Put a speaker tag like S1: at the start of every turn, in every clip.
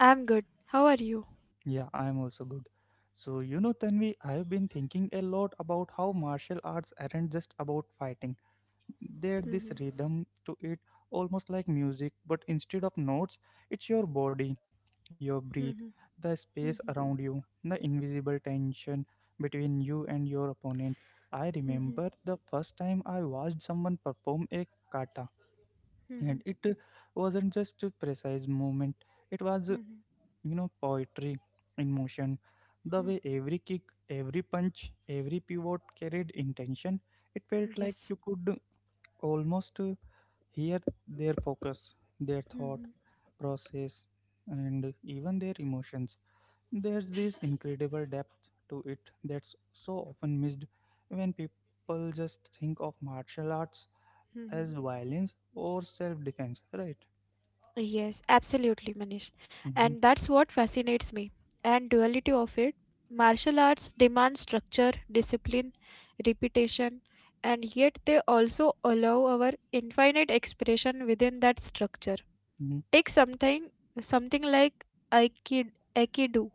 S1: I'm good. How are you? Mhm, mhm, mhm, mhm, mhm, mhm, mhm. Yes. Mhm, mhm. Yes, absolutely, Manish. And that's what fascinates me. And duality of it. Martial arts demand structure, discipline, repetition, and yet they also allow our infinite expression within that structure. Take something like Aikido,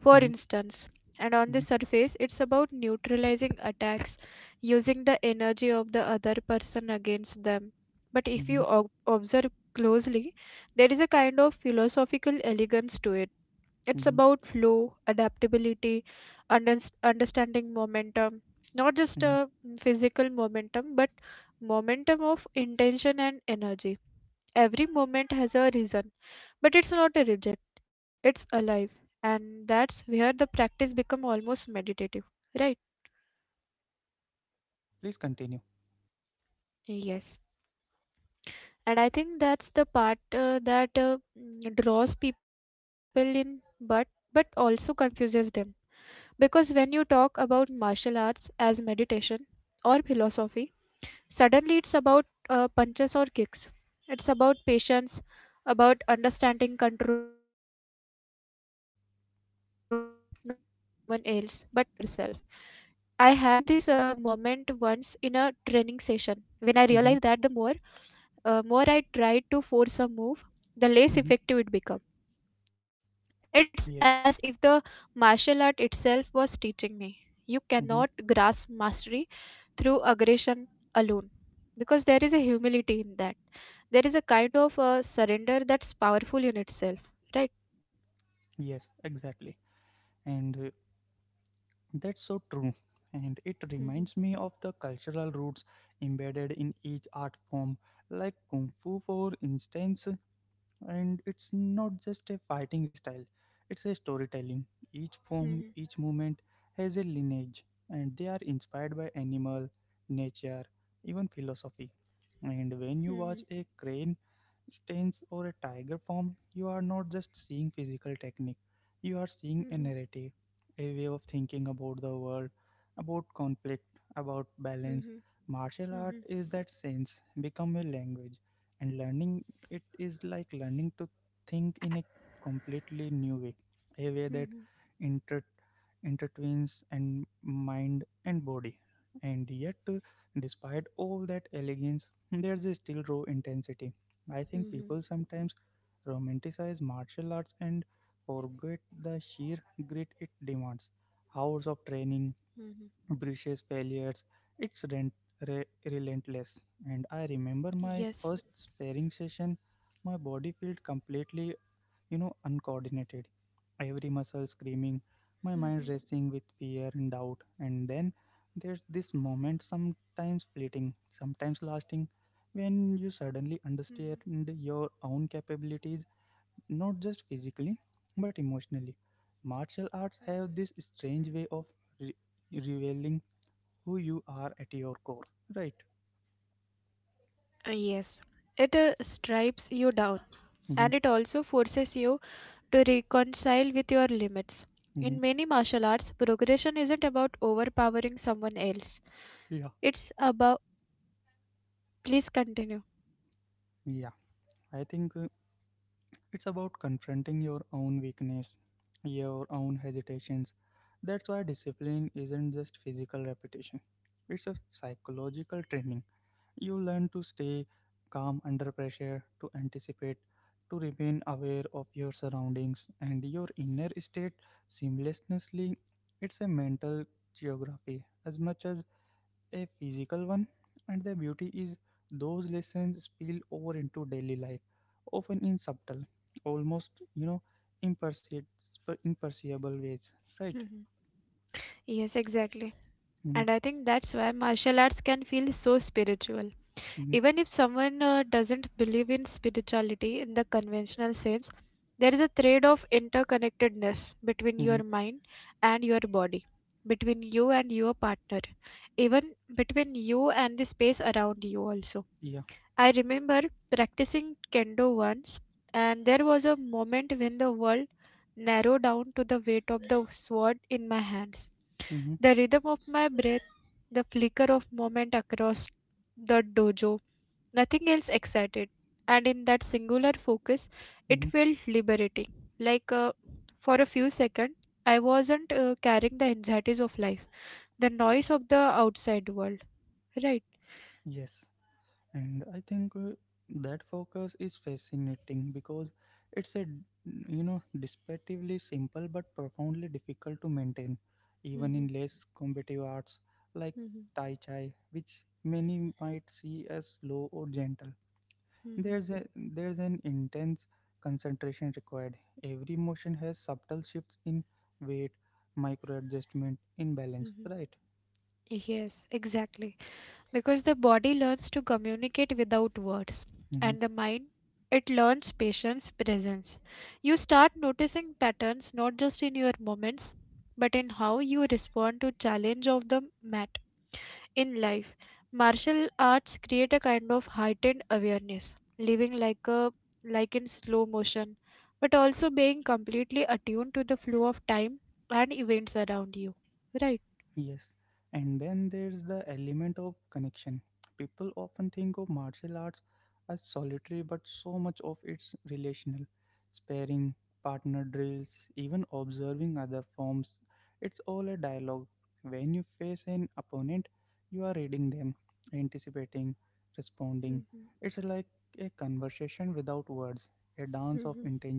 S1: for instance. And on the surface, it's about neutralizing attacks, using the energy of the other person against them. But if you observe closely, there is a kind of philosophical elegance to it. It's about flow, adaptability, understanding momentum, not just a physical momentum, but momentum of intention and energy. Every moment has a reason, but it's not a reject, it's alive. And that's where the practice become almost meditative, right? Yes. And I think that's the part that draws people in, but also confuses them. Because when you talk about martial arts as meditation or philosophy, suddenly, it's about punches or kicks. It's about patience, about understanding control, not control over someone else, but over yourself. I had this moment once in a training session when I realized that the more I tried to force a move, the less effective it became. It's as if the martial art itself was teaching me. You cannot grasp mastery through aggression alone, because there is a humility in that, there is a kind of surrender that's powerful in itself, right? Hmm. Mhm, mhm, mhm, mhm, mhm, mhm, mhm, mhm. Yes. Mhm, mhm. Yes. It stripes you down, and it also forces you to reconcile with your limits. In many martial arts, progression isn't about overpowering someone else. It's about. Please continue. Yes, exactly. And I think that's why martial arts can feel so spiritual. Even if someone doesn't believe in spirituality in the conventional sense, there is a thread of interconnectedness between your mind and your body, between you and your partner, even between you and the space around you also. I remember practicing kendo once, and there was a moment when the world narrowed down to the weight of the sword in my hands. The rhythm of my breath, the flicker of moment across the dojo, nothing else excited. And in that singular focus, it felt liberating. Like, for a few seconds, I wasn't carrying the anxieties of life, the noise of the outside world. Right. Mhm, mhm, mhm, mhm. Yes, exactly. Because the body learns to communicate without words, and the mind, it learns patience, presence. You start noticing patterns, not just in your moments, but in how you respond to challenge of the mat, in life. Martial arts create a kind of heightened awareness, living like in slow motion, but also being completely attuned to the flow of time and events around you, right? Mhm, mhm,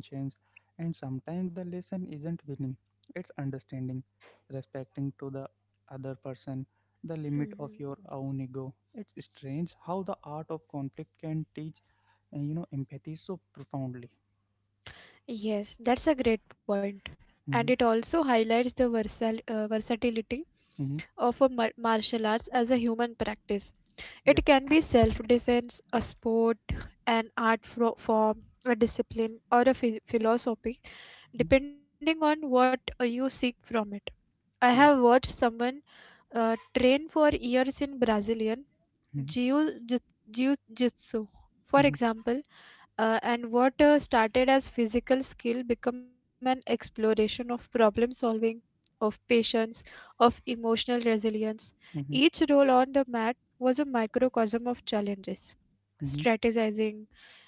S1: mhm. Yes, that's a great point. And it also highlights the versal versatility of a martial arts as a human practice. It can be self defense, a sport, an art form, a discipline, or a philosophy, depending on what you seek from it. I have watched someone train for years in Brazilian Jiu Jitsu, for example, and what started as physical skill become an exploration of problem solving, of patience, of emotional resilience. Each role on the mat was a microcosm of challenges. Strategizing,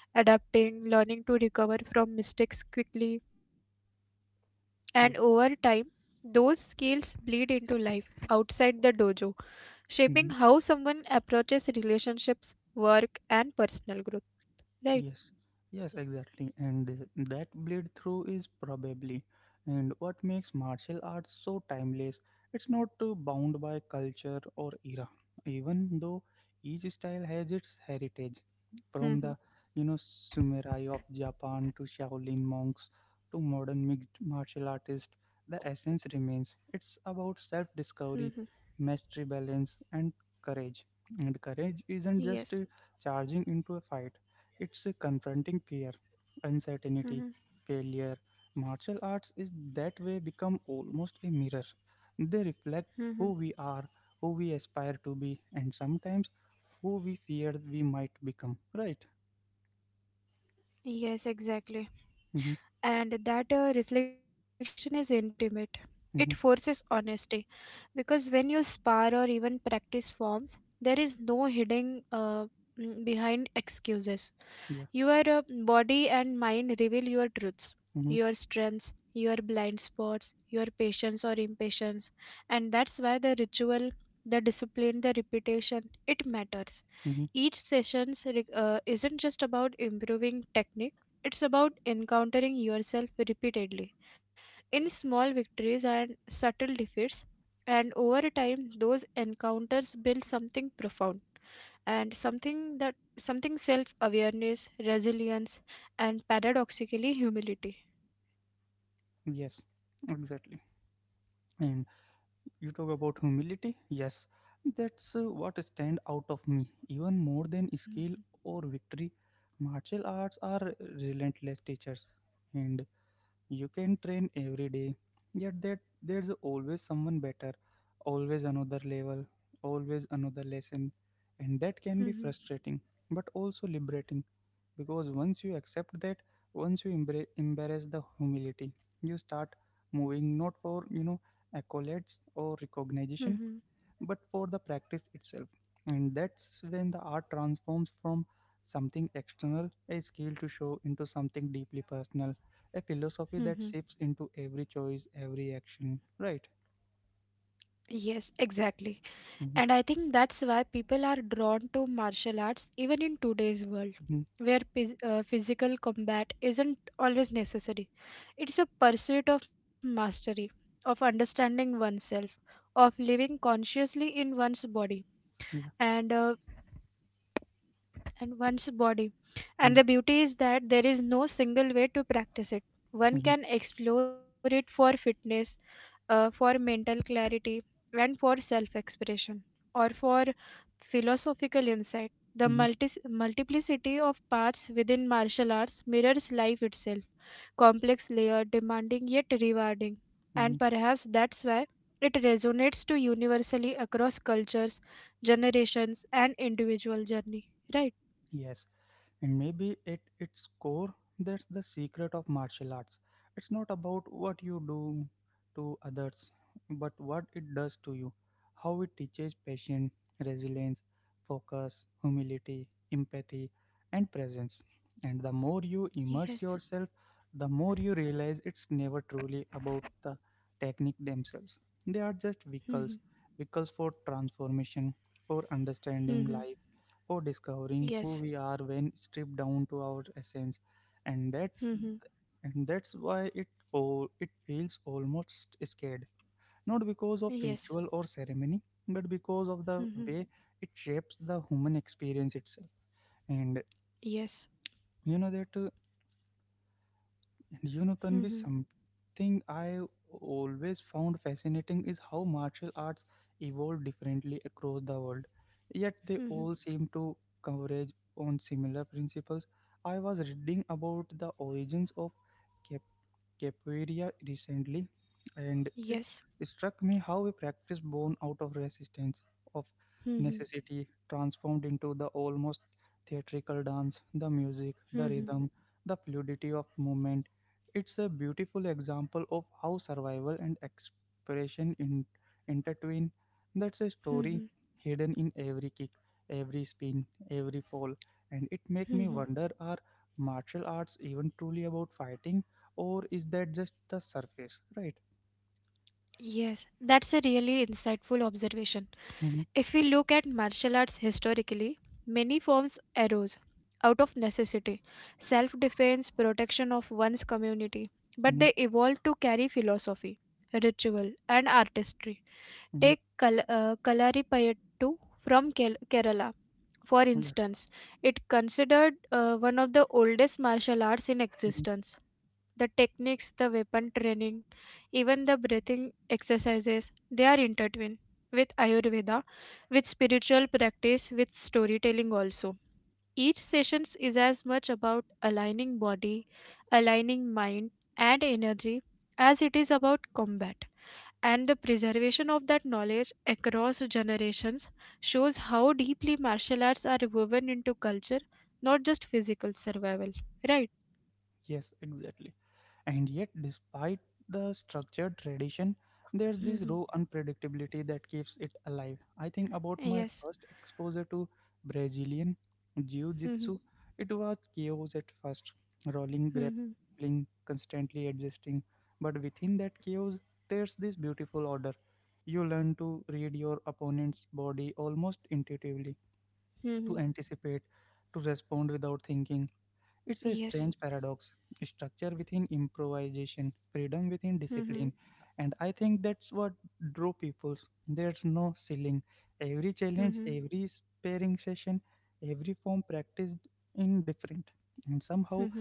S1: adapting, learning to recover from mistakes quickly, and over time, those skills bleed into life outside the dojo, shaping how someone approaches relationships, work, and personal growth. Right? Hmm. Hmm. Yes. Mhm, mhm. Yes, exactly. And that reflection is intimate. It forces honesty, because when you spar or even practice forms, there is no hiding behind excuses. Your body and mind reveal your truths, your strengths, your blind spots, your patience or impatience. And that's why the ritual, the discipline, the repetition, it matters. Each session isn't just about improving technique, it's about encountering yourself repeatedly in small victories and subtle defeats. And over time, those encounters build something profound, and something self awareness, resilience, and paradoxically humility. Mhm, mhm, mhm. Yes, exactly. And I think that's why people are drawn to martial arts even in today's world, where physical combat isn't always necessary. It's a pursuit of mastery, of understanding oneself, of living consciously in one's body. And uh, and one's body. And the beauty is that there is no single way to practice it. One can explore it for fitness, for mental clarity, and for self expression, or for philosophical insight. The multiplicity of parts within martial arts mirrors life itself, complex, layered, demanding, yet rewarding. And perhaps that's why it resonates to universally across cultures, generations, and individual journey. Right? Yes. Mhm. Mhm. Yes. Mhm. Yes. Mhm. Yes. Mhm. Mhm. Yes. Mhm. Mhm. Mhm. Mhm. Yes, that's a really insightful observation. If we look at martial arts historically, many forms arose out of necessity, self defense, protection of one's community, but they evolved to carry philosophy, ritual, and artistry. Take Kalaripayattu from Kerala, for instance. It considered one of the oldest martial arts in existence. The techniques, the weapon training, even the breathing exercises, they are intertwined with Ayurveda, with spiritual practice, with storytelling also. Each session is as much about aligning body, aligning mind and energy as it is about combat, and the preservation of that knowledge across generations shows how deeply martial arts are woven into culture, not just physical survival. Right? Mm-hmm. Yes. Hmm. Hmm. Hmm. Yes. Hmm. Hmm. Hmm.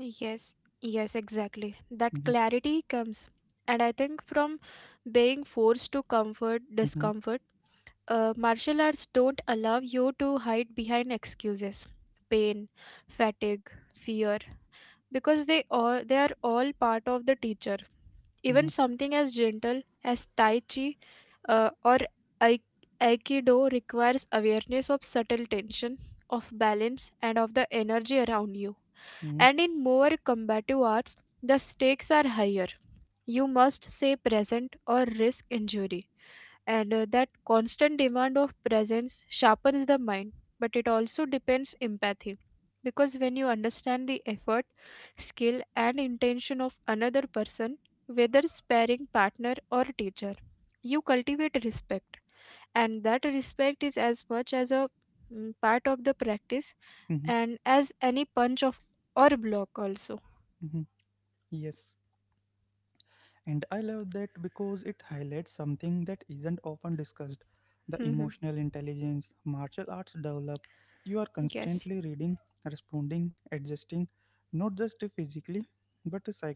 S1: Yes. Yes, exactly. That clarity comes. And I think from being forced to comfort discomfort, martial arts don't allow you to hide behind excuses, pain, fatigue, fear, because they are all part of the teacher. Even something as gentle as tai chi or aikido requires awareness of subtle tension, of balance, and of the energy around you. And in more combative arts, the stakes are higher. You must stay present or risk injury. And that constant demand of presence sharpens the mind, but it also depends empathy. Because when you understand the effort, skill, and intention of another person, whether sparring partner or teacher, you cultivate respect. And that respect is as much as a part of the practice, and as any punch of or block also. Hmm. Yes.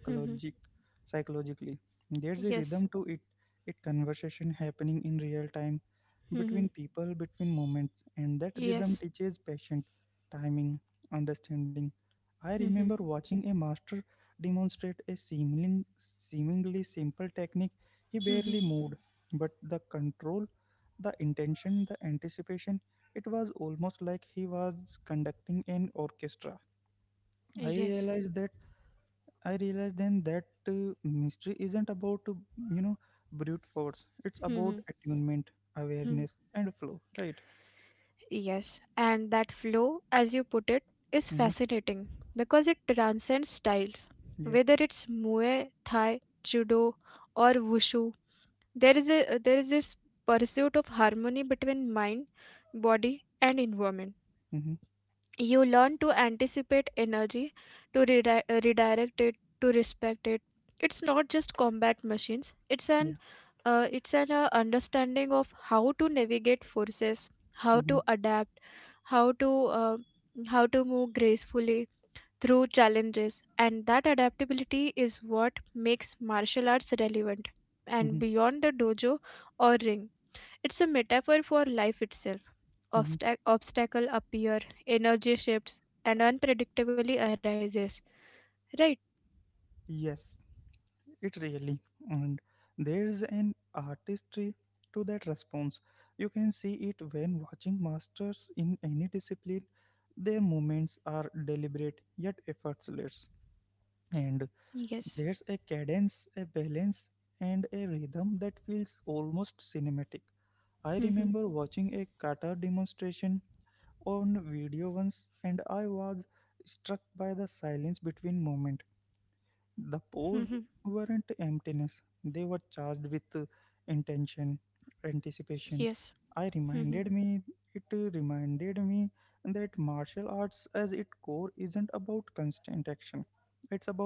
S1: Hmm. Yes. Hmm. Yes. Hmm. Yes. Hmm. Hmm. Yes, and that flow, as you put it, is fascinating because it transcends styles. Whether it's Muay Thai, Judo, or Wushu, there is this pursuit of harmony between mind, body, and environment. You learn to anticipate energy, to redirect it, to respect it. It's not just combat machines. It's an understanding of how to navigate forces, how to adapt, how to uh, how to move gracefully through challenges, and that adaptability is what makes martial arts relevant and beyond the dojo or ring. It's a metaphor for life itself. Obstacle appear, energy shifts, and unpredictably arises. Right? Yes. Mhm. Mhm. Yes. Mhm.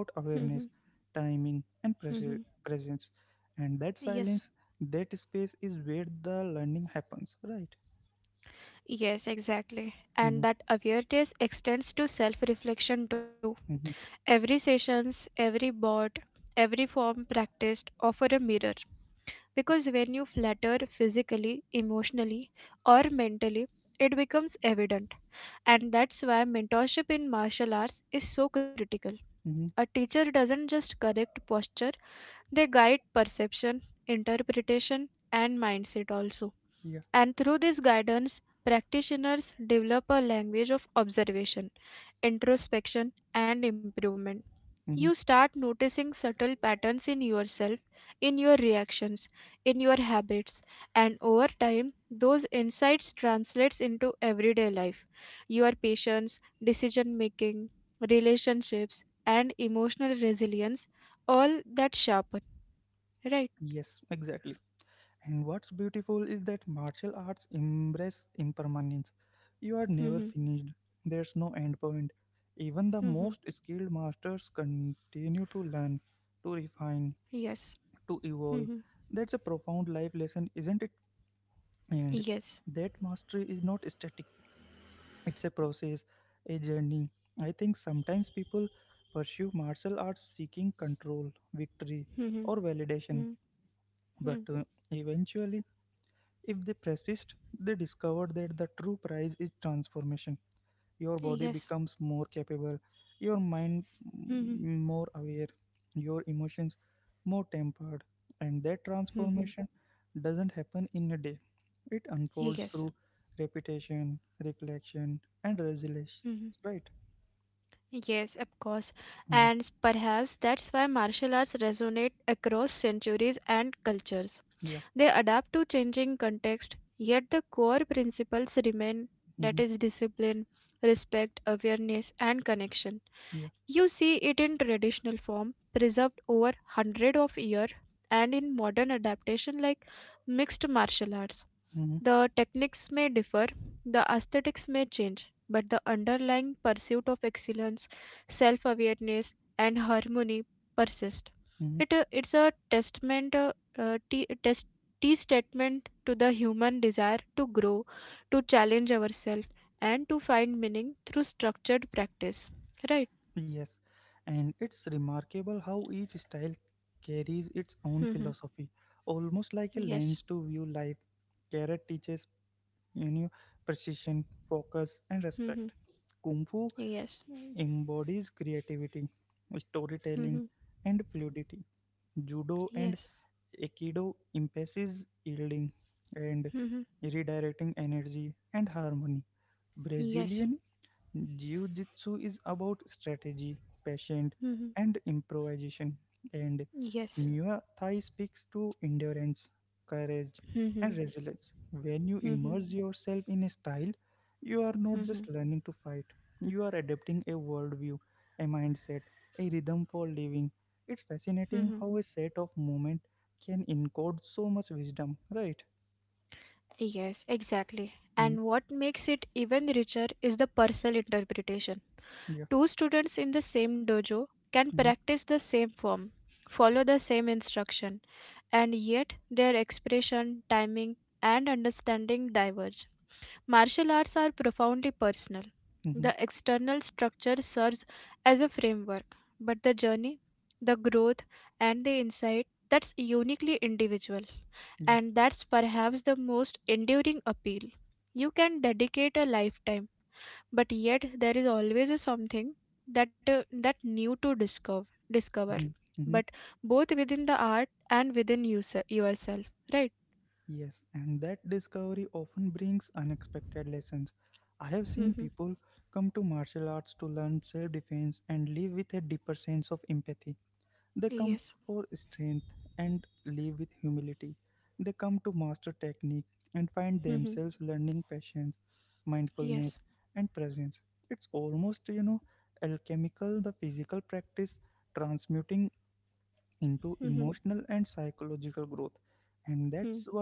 S1: Mhm. Mhm. Yes. Yes, exactly. And that awareness extends to self-reflection too. Every sessions, every board, every form practiced offer a mirror. Because when you flatter physically, emotionally, or mentally, it becomes evident. And that's why mentorship in martial arts is so critical. A teacher doesn't just correct posture, they guide perception, interpretation, and mindset also. And through this guidance, practitioners develop a language of observation, introspection, and improvement. You start noticing subtle patterns in yourself, in your reactions, in your habits, and over time those insights translates into everyday life, your patience, decision making, relationships, and emotional resilience, all that sharpen, right? Mm-hmm. Mm-hmm. Yes. Mm-hmm. Yes. Mm-hmm. Mm-hmm. Yes. Mm-hmm. Mm-hmm. Yes. Mm-hmm. Yes, of course. And perhaps that's why martial arts resonate across centuries and cultures. They adapt to changing context, yet the core principles remain, that is discipline, respect, awareness and connection. You see it in traditional form preserved over hundred of years, and in modern adaptation like mixed martial arts. The techniques may differ, the aesthetics may change, but the underlying pursuit of excellence, self awareness, and harmony persist. It's a testament, uh, t- test, T statement to the human desire to grow, to challenge ourselves, and to find meaning through structured practice. Right? Mm-hmm. Yes. Mm-hmm. Yes. Mm-hmm. Yes. Mm-hmm. Yes. Mm-hmm. Yes. Mm-hmm. Mm-hmm. Mm-hmm. Mm-hmm. Yes, exactly. And what makes it even richer is the personal interpretation. Two students in the same dojo can practice the same form, follow the same instruction, and yet their expression, timing, and understanding diverge. Martial arts are profoundly personal. The external structure serves as a framework, but the journey, the growth, and the insight, that's uniquely individual. And that's perhaps the most enduring appeal. You can dedicate a lifetime, but yet there is always a something that new to discover but both within the art and within you yourself, right? Mhm. Yes. Mhm. Yes. Mhm. Hmm.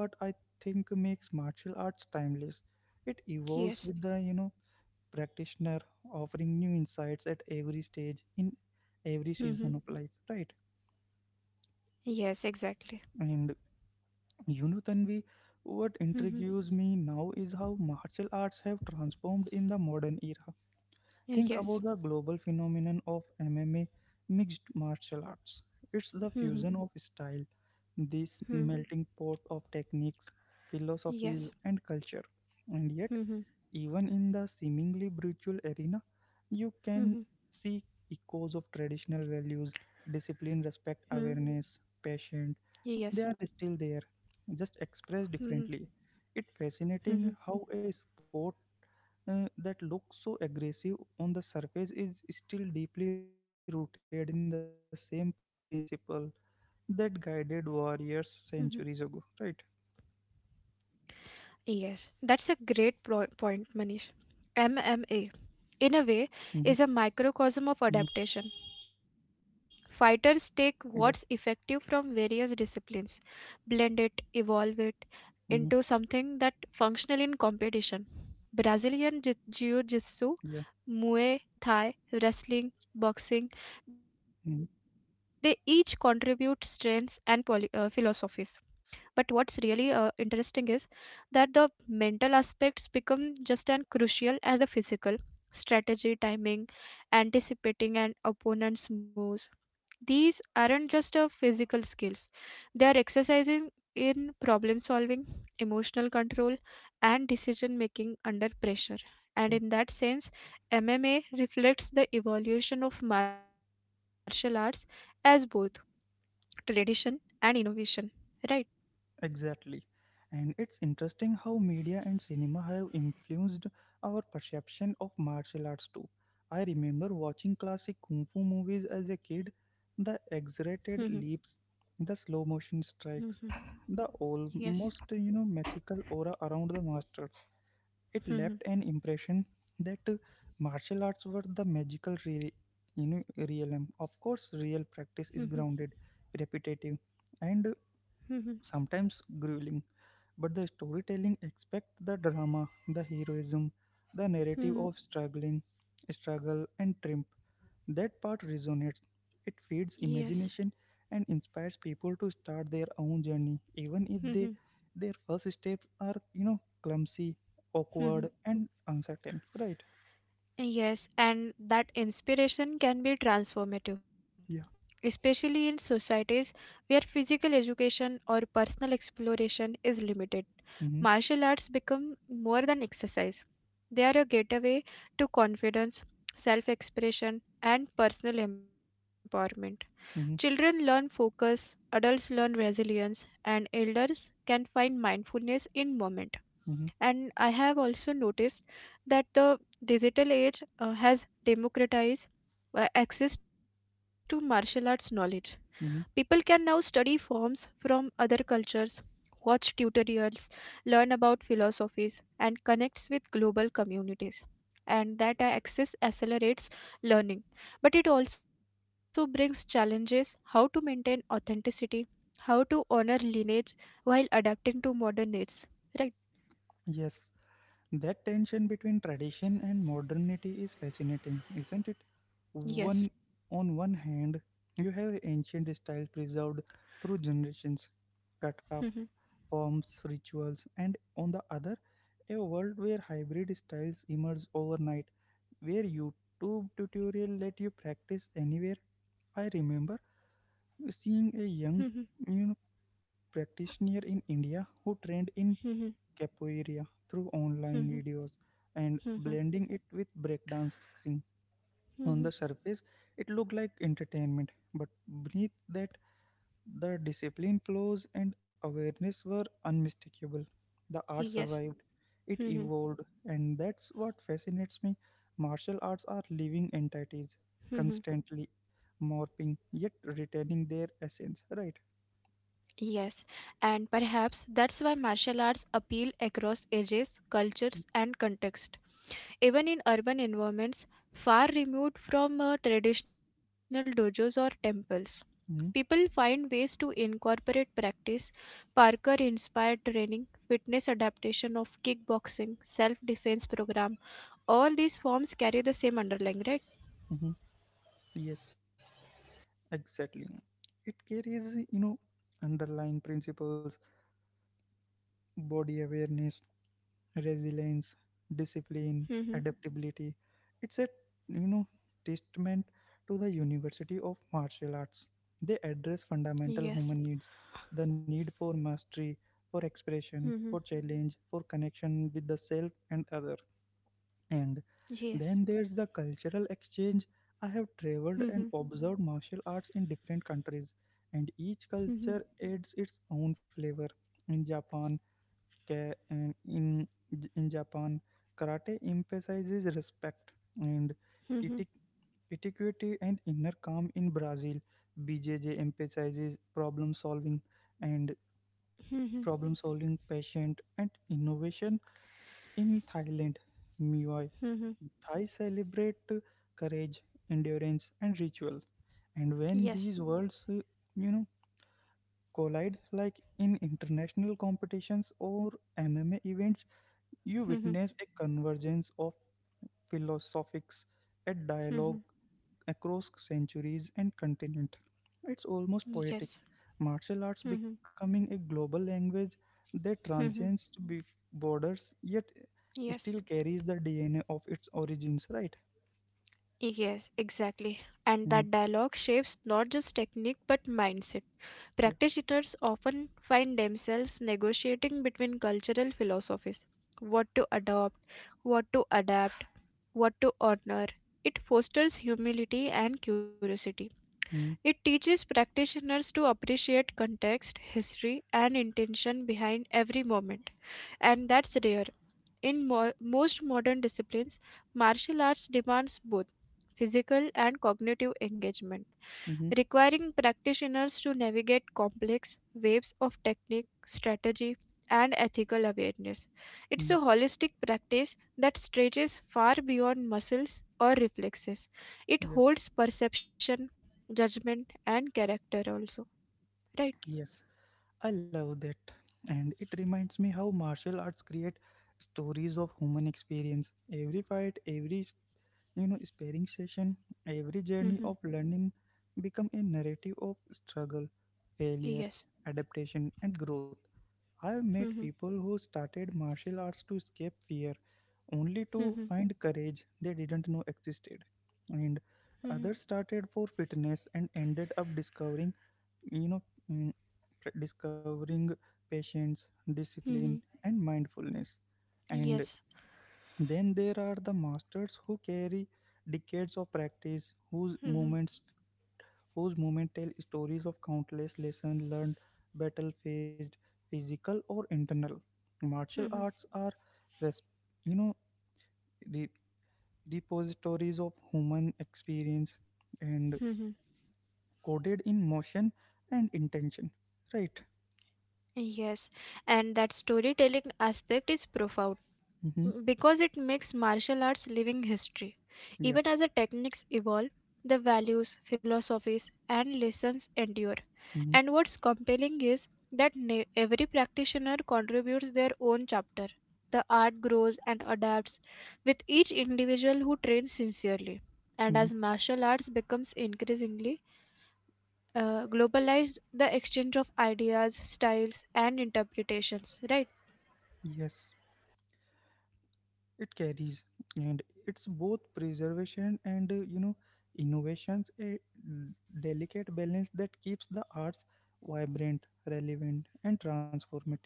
S1: Yes. Mhm. Yes, exactly. Mhm. Yes. Mhm. Hmm. Yes. Mhm. Mhm. Hmm. Yes. Mhm. Mhm. Mhm. Yes, that's a great point, Manish. MMA, in a way, is a microcosm of adaptation. Fighters take what's effective from various disciplines, blend it, evolve it into something that functional in competition. Brazilian Jiu-Jitsu, Muay Thai, wrestling, boxing, they each contribute strengths and philosophies,
S2: Mm-hmm,
S1: but what's really interesting is that the mental aspects become just as crucial as the
S2: mm-hmm,
S1: physical. Strategy, timing, anticipating an opponent's moves, these aren't just
S2: mm-hmm.
S1: physical skills. They are exercising in problem solving, emotional control, and decision making under pressure.
S2: Yeah,
S1: And in that sense, MMA reflects the evolution of martial arts as both tradition and innovation, right?
S2: exactly. And it's interesting how media and cinema have influenced our perception of martial arts too. I remember watching classic kung fu movies as a kid, the
S1: Mhm,
S2: exaggerated leaps, the slow motion
S1: mhm,
S2: strikes, the
S1: yes.
S2: almost mythical aura around the masters. It
S1: Mhm,
S2: left an impression that martial arts were the magical realm. Of course, real
S1: mhm,
S2: practice is grounded, repetitive, and
S1: mhm,
S2: sometimes grueling, but the storytelling expect the drama, the heroism, the
S1: mhm,
S2: narrative of struggle, and triumph. That part resonates. It feeds
S1: yes.
S2: imagination and inspires people to start their own journey, even if
S1: Mhm,
S2: they their first steps are, clumsy,
S1: mhm.
S2: awkward, and uncertain. Right?
S1: Yes, and that inspiration can be transformative,
S2: Yeah.
S1: especially in societies where physical education or personal exploration is limited.
S2: Mm-hmm.
S1: Martial arts become more than exercise. They are a gateway to confidence, self-expression, and personal empowerment. Children
S2: Mm-hmm.
S1: learn focus, adults learn resilience, and elders can find mindfulness in moment.
S2: Mm-hmm.
S1: And I have also noticed that the digital age has democratized access to martial arts knowledge.
S2: Mm-hmm.
S1: People can now study forms from other cultures, watch tutorials, learn about philosophies, and connects with global communities. And that access accelerates learning. But it also brings challenges: how to maintain authenticity, how to honor lineage while adapting to modern needs. Right?
S2: Yes. That tension between tradition and modernity is fascinating, isn't it? One
S1: Yes.
S2: on one hand, you have ancient style preserved through generations, cut off forms, rituals, and on the other, a world where hybrid styles emerge overnight, where YouTube tutorial let you practice anywhere. I remember seeing a young you know, practitioner in India who trained in capoeira through online videos and blending it with breakdancing. On the surface, it looked like entertainment, but beneath that, the discipline flows and awareness were unmistakable. The art survived,
S1: Yes.
S2: it evolved, and that's what fascinates me. Martial arts are living entities, constantly morphing yet retaining their essence, right?
S1: Yes, and perhaps that's why martial arts appeal across ages, cultures, and context. Even in urban environments far removed from traditional dojos or temples,
S2: Mm-hmm.
S1: people find ways to incorporate practice, Parker inspired training, fitness adaptation of kickboxing, self defense program. All these forms carry the same underlying, right?
S2: Mm-hmm. Yes. Exactly. It carries, underlying principles, body awareness, resilience, discipline,
S1: Mm-hmm.
S2: adaptability. It's a, you know, testament to the University of Martial Arts. They address fundamental
S1: Yes.
S2: human needs, the need for mastery, for expression,
S1: Mm-hmm.
S2: for challenge, for connection with the self and other. And
S1: Yes.
S2: then there's the cultural exchange. I have traveled
S1: Mm-hmm.
S2: and observed martial arts in different countries, and each
S1: Mm-hmm.
S2: culture adds its own flavor. In Japan, ka- and in in Japan, karate emphasizes respect and
S1: Mm-hmm.
S2: etic- etiquette and inner calm. In Brazil, BJJ emphasizes and problem solving, patient and innovation. In Thailand, Muay
S1: Mm-hmm.
S2: Thai celebrate courage, endurance, and ritual. And when
S1: Yes.
S2: these worlds, you know, collide, like in international competitions or MMA events, you
S1: Mhm.
S2: witness a convergence of philosophics, a dialogue
S1: Mhm.
S2: across centuries and continent. It's almost
S1: Yes.
S2: poetic. Martial arts
S1: Mhm.
S2: becoming a global language that
S1: Mhm.
S2: transcends borders, yet
S1: Yes.
S2: still carries the DNA of its origins. Right?
S1: Yes, exactly. And
S2: Mhm.
S1: that dialogue shapes not just technique but mindset.
S2: Yeah.
S1: Practitioners often find themselves negotiating between cultural philosophies: what to adopt, what to adapt, what to honor. It fosters humility and curiosity. It
S2: Mm,
S1: teaches practitioners to appreciate context, history, and intention behind every moment. And that's rare. In most modern disciplines, martial arts demands both physical and cognitive engagement,
S2: hmm,
S1: requiring practitioners to navigate complex waves of technique, strategy, and ethical awareness. It's a
S2: mm,
S1: holistic practice that stretches far beyond muscles or reflexes. It
S2: yeah.
S1: holds perception, judgment, and character also. Right?
S2: Yes, I love that. And it reminds me how martial arts create stories of human experience. Every fight, every sparring session, every journey
S1: Mhm.
S2: of learning become a narrative of struggle, failure,
S1: Yes.
S2: adaptation, and growth. I have met
S1: Mhm.
S2: people who started martial arts to escape fear, only to
S1: Mhm.
S2: find courage they didn't know existed. And
S1: Mhm.
S2: others started for fitness and ended up discovering you know mm, pr- discovering patience discipline
S1: Mhm.
S2: and mindfulness. And
S1: Yes.
S2: then there are the masters who carry decades of practice, whose
S1: Mhm.
S2: movements whose movement tell stories of countless lessons learned, battle faced, physical or internal. Martial arts
S1: Mhm.
S2: are res- you know re- repositories of human experience, and
S1: Mhm.
S2: coded in motion and intention, right?
S1: Yes, and that storytelling aspect is profound,
S2: Mm-hmm.
S1: mm, because it makes martial arts living history.
S2: Yeah.
S1: Even as the techniques evolve, the values, philosophies, and lessons endure.
S2: Mm-hmm.
S1: And what's compelling is that every practitioner contributes their own chapter. The art grows and adapts with each individual who trains sincerely.
S2: Mm-hmm.
S1: And as martial arts becomes increasingly globalized, the exchange of ideas, styles, and interpretations, right?
S2: Yes. It carries, and it's both preservation and innovations, a delicate balance that keeps the arts vibrant, relevant, and transformative.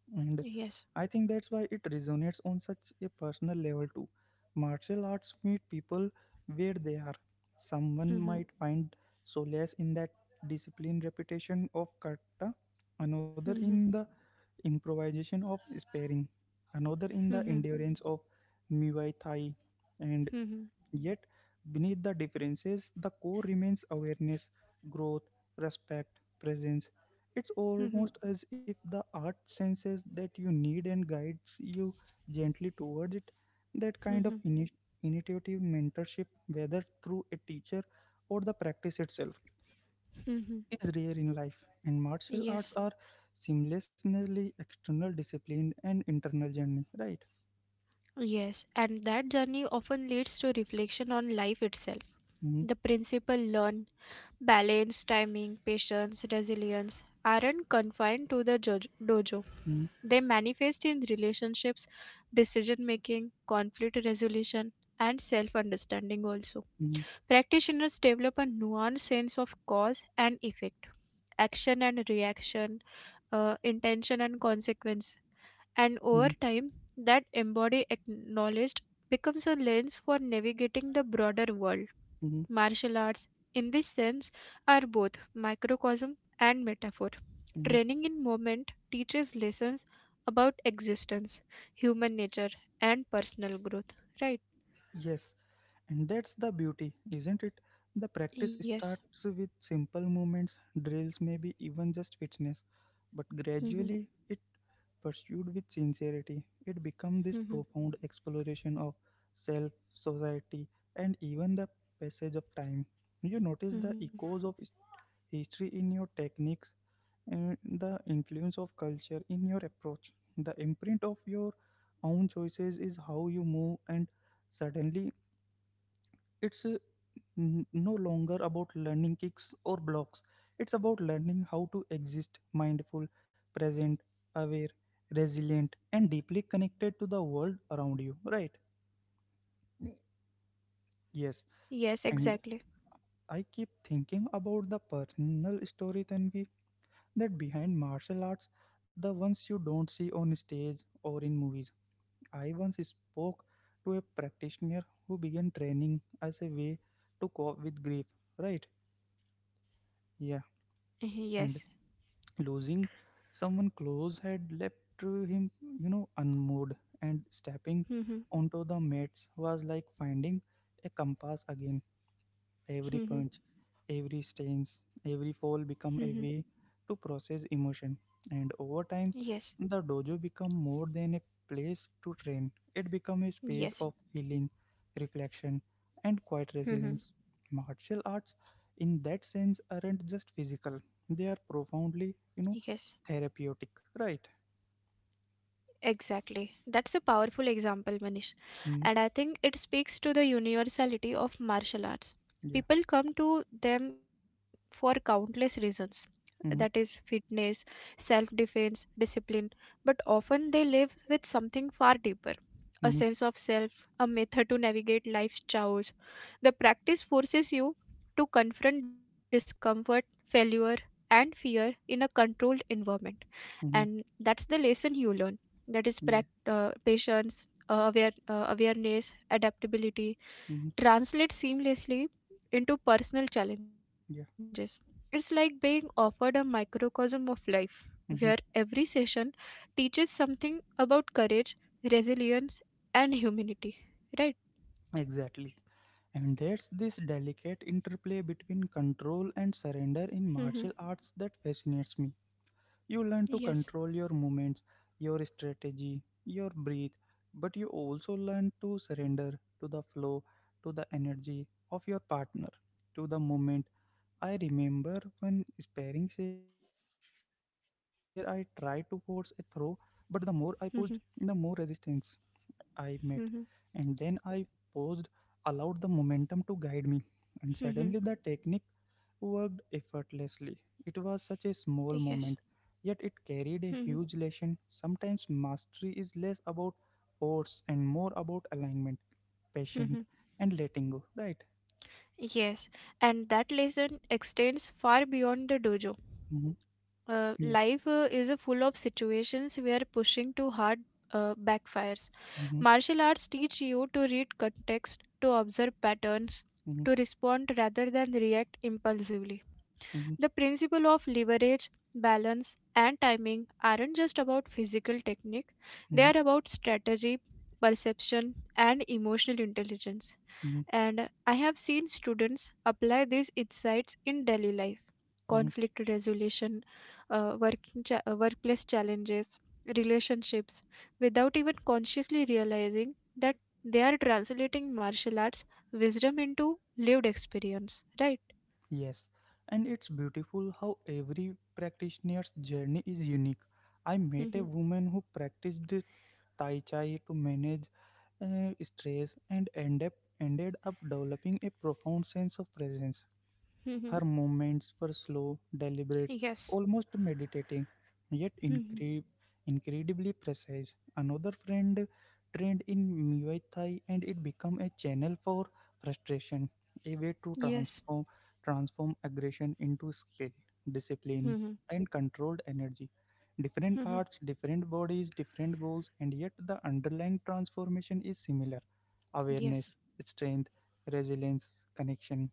S2: And
S1: Yes.
S2: I think that's why it resonates on such a personal level too. Martial arts meet people where they are. Someone
S1: Mhm,
S2: might find solace in that discipline repetition of kata, another
S1: mhm,
S2: in the improvisation of sparring, another in the
S1: mhm,
S2: endurance of Muay Thai, and
S1: mhm,
S2: yet beneath the differences, the core remains awareness, growth, respect, presence. It's
S1: mhm,
S2: almost as if the art senses that you need and guides you gently toward it. That kind of
S1: mhm,
S2: initiative mentorship, whether through a teacher or the practice itself,
S1: mhm.
S2: is rare in life, and martial
S1: Yes.
S2: arts are seamlessly external discipline and internal journey, right?
S1: Yes. And that journey often leads to reflection on life itself.
S2: Mm-hmm.
S1: The principle learn, balance, timing, patience, resilience aren't confined to the dojo.
S2: Mm-hmm.
S1: They manifest in relationships, decision making, conflict resolution, and self understanding also.
S2: Mm-hmm.
S1: Practitioners develop a nuanced sense of cause and effect, action and reaction, intention and consequence, and over time, that embodied knowledge becomes a lens for navigating the broader world.
S2: Mm-hmm.
S1: Martial arts, in this sense, are both microcosm and metaphor.
S2: Mm,
S1: Training in movement teaches lessons about existence, human nature, and personal growth. Right?
S2: Yes, and that's the beauty, isn't it? The practice
S1: Yes.
S2: starts with simple movements, drills, maybe even just fitness, but
S1: Mhm.
S2: gradually it pursued with sincerity. It becomes this
S1: Mhm.
S2: profound exploration of self, society, and even the passage of time. You notice the
S1: Mhm.
S2: echoes of history in your techniques, and the influence of culture in your approach. The imprint of your own choices is how you move, and suddenly it's no longer about learning kicks or blocks. It's about learning how to exist mindful, present, aware, resilient, and deeply connected to the world around you, right? Yes,
S1: Yes,
S2: and
S1: exactly.
S2: I keep thinking about the personal story, Tanvi, that behind martial arts, the ones you don't see on stage or in movies. I once spoke to a practitioner who began training as a way to cope with grief, right? Yeah,
S1: Mhm, yes.
S2: and losing someone close had left him, unmoved, and stepping
S1: Mhm,
S2: onto the mats was like finding a compass again. Every
S1: mhm,
S2: punch, every stance, every fall
S1: mhm.
S2: become a way to process emotion. And over time,
S1: Yes.
S2: the dojo become more than a place to train. It become a
S1: Yes.
S2: space of healing, reflection, and quiet
S1: Mhm,
S2: resilience. Martial arts, in that sense, aren't just physical; they are
S1: yes.
S2: profoundly, therapeutic. Right?
S1: Exactly. That's a powerful example, Manish. And I
S2: Mm,
S1: think it speaks to the universality of martial arts.
S2: yeah.
S1: People come to them for countless reasons, that is,
S2: Mm-hmm,
S1: fitness, self defense, discipline, but often they live with something far deeper, a sense
S2: mm-hmm,
S1: of self, a method to navigate life's chaos. The practice forces you to confront discomfort, failure, and fear in a controlled environment. And
S2: mm-hmm,
S1: that's the lesson you learn, that is,
S2: yeah.
S1: patience, awareness, adaptability
S2: Mm-hmm,
S1: translate seamlessly into personal
S2: yeah.
S1: challenges. It's like being offered a microcosm of life
S2: Mm-hmm.
S1: where every session teaches something about courage, resilience, and humanity, right?
S2: Exactly. And there's this delicate interplay between control and surrender in
S1: Mm-hmm.
S2: martial arts that fascinates me. You learn to
S1: Yes.
S2: control your movements, your strategy, your breath, but you also learn to surrender to the flow, to the energy of your partner, to the moment. I remember one sparring session where I tried to force a throw, but the more I pushed, the more
S1: Mm-hmm.
S2: resistance I met,
S1: Mm-hmm.
S2: and then I paused, allowed the momentum to guide me, and
S1: Mm-hmm.
S2: suddenly the technique worked effortlessly. It was such a
S1: Yes.
S2: small moment, yet it
S1: Mm-hmm.
S2: carried a huge lesson. Sometimes mastery is less about force and more about alignment,
S1: Mm-hmm.
S2: patient, and letting go, right?
S1: Yes, and that lesson extends far beyond the dojo.
S2: Mm-hmm. Yeah.
S1: Life is a full of situations where pushing too hard backfires.
S2: Mm-hmm.
S1: Martial arts teach you to read context, to observe patterns,
S2: Mm-hmm.
S1: to respond rather than react impulsively.
S2: Mm-hmm.
S1: The principle of leverage, balance, and timing aren't just about physical technique, they
S2: Mm-hmm.
S1: are about strategy, perception, and emotional intelligence.
S2: Mm-hmm.
S1: And I have seen students apply these insights in daily life,
S2: Mm-hmm.
S1: conflict resolution, workplace challenges, relationships, without even consciously realizing that they are translating martial arts wisdom into lived experience, right?
S2: Yes, and it's beautiful how every practitioner's journey is unique. I met
S1: Mm-hmm.
S2: a woman who practiced Tai Chi to manage stress and ended up developing a profound sense of presence.
S1: Hmm.
S2: Her movements were slow, deliberate,
S1: Yes.
S2: almost meditating, yet
S1: Hmm.
S2: incredibly precise. Another friend trained in Muay Thai, and it became a channel for frustration, a way to
S1: Yes.
S2: transform aggression into skill, discipline,
S1: Hmm.
S2: and controlled energy. Different
S1: Hmm.
S2: arts, different bodies, different goals, and yet the underlying transformation is similar: awareness,
S1: Yes.
S2: strength, resilience, connection.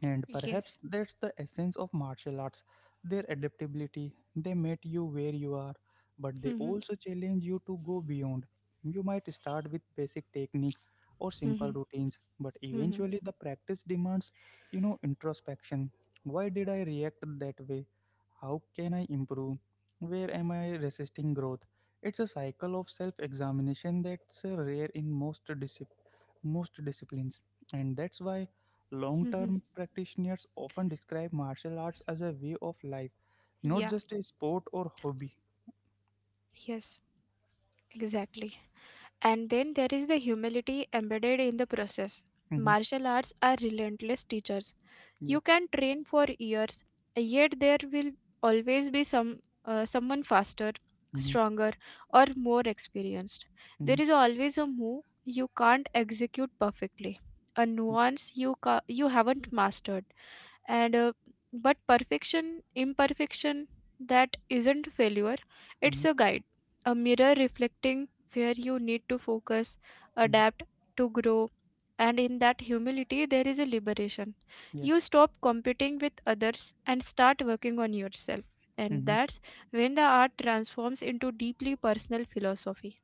S2: And perhaps
S1: Yes.
S2: that's the essence of martial arts, their adaptability. They meet you where you are, but they
S1: Hmm.
S2: also challenge you to go beyond. You might start with basic technique or
S1: Hmm.
S2: simple routines, but
S1: Hmm.
S2: eventually the practice demands, introspection. Why did I react that way? How can I improve? Where am I resisting growth? It's a cycle of self examination that's rare in most disciplines, and that's why long
S1: Hmm.
S2: term practitioners often describe martial arts as a way of life, not
S1: Yeah.
S2: just a sport or hobby.
S1: Yes. Exactly. And then there is the humility embedded in the process.
S2: Mm-hmm.
S1: Martial arts are relentless teachers.
S2: Yeah.
S1: You can train for years, yet there will always be some someone faster,
S2: Hmm.
S1: stronger, or more experienced.
S2: Hmm.
S1: There is always a move you can't execute perfectly, a nuance you you haven't mastered, and but perfection, imperfection, that isn't failure, it's
S2: Hmm.
S1: a guide, a mirror reflecting where you need to focus,
S2: Hmm.
S1: adapt, to grow, and in that humility there is a liberation.
S2: Yeah.
S1: You stop competing with others and start working on yourself, and
S2: Hmm.
S1: that's when the art transforms into deeply personal philosophy.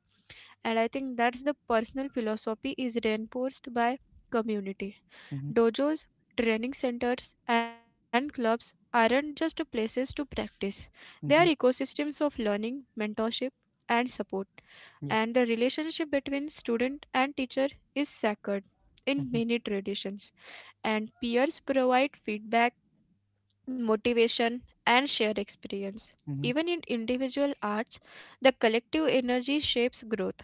S1: And I think that's the personal philosophy is reinforced by community.
S2: Hmm.
S1: Dojos, training centers, and clubs aren't just places to practice. They are
S2: Hmm.
S1: ecosystems of learning, mentorship, and support. And
S2: Yeah.
S1: the relationship between student and teacher is sacred in
S2: Hmm.
S1: many traditions. And peers provide feedback, motivation, and shared experience.
S2: Hmm.
S1: Even in individual arts, the collective energy shapes growth.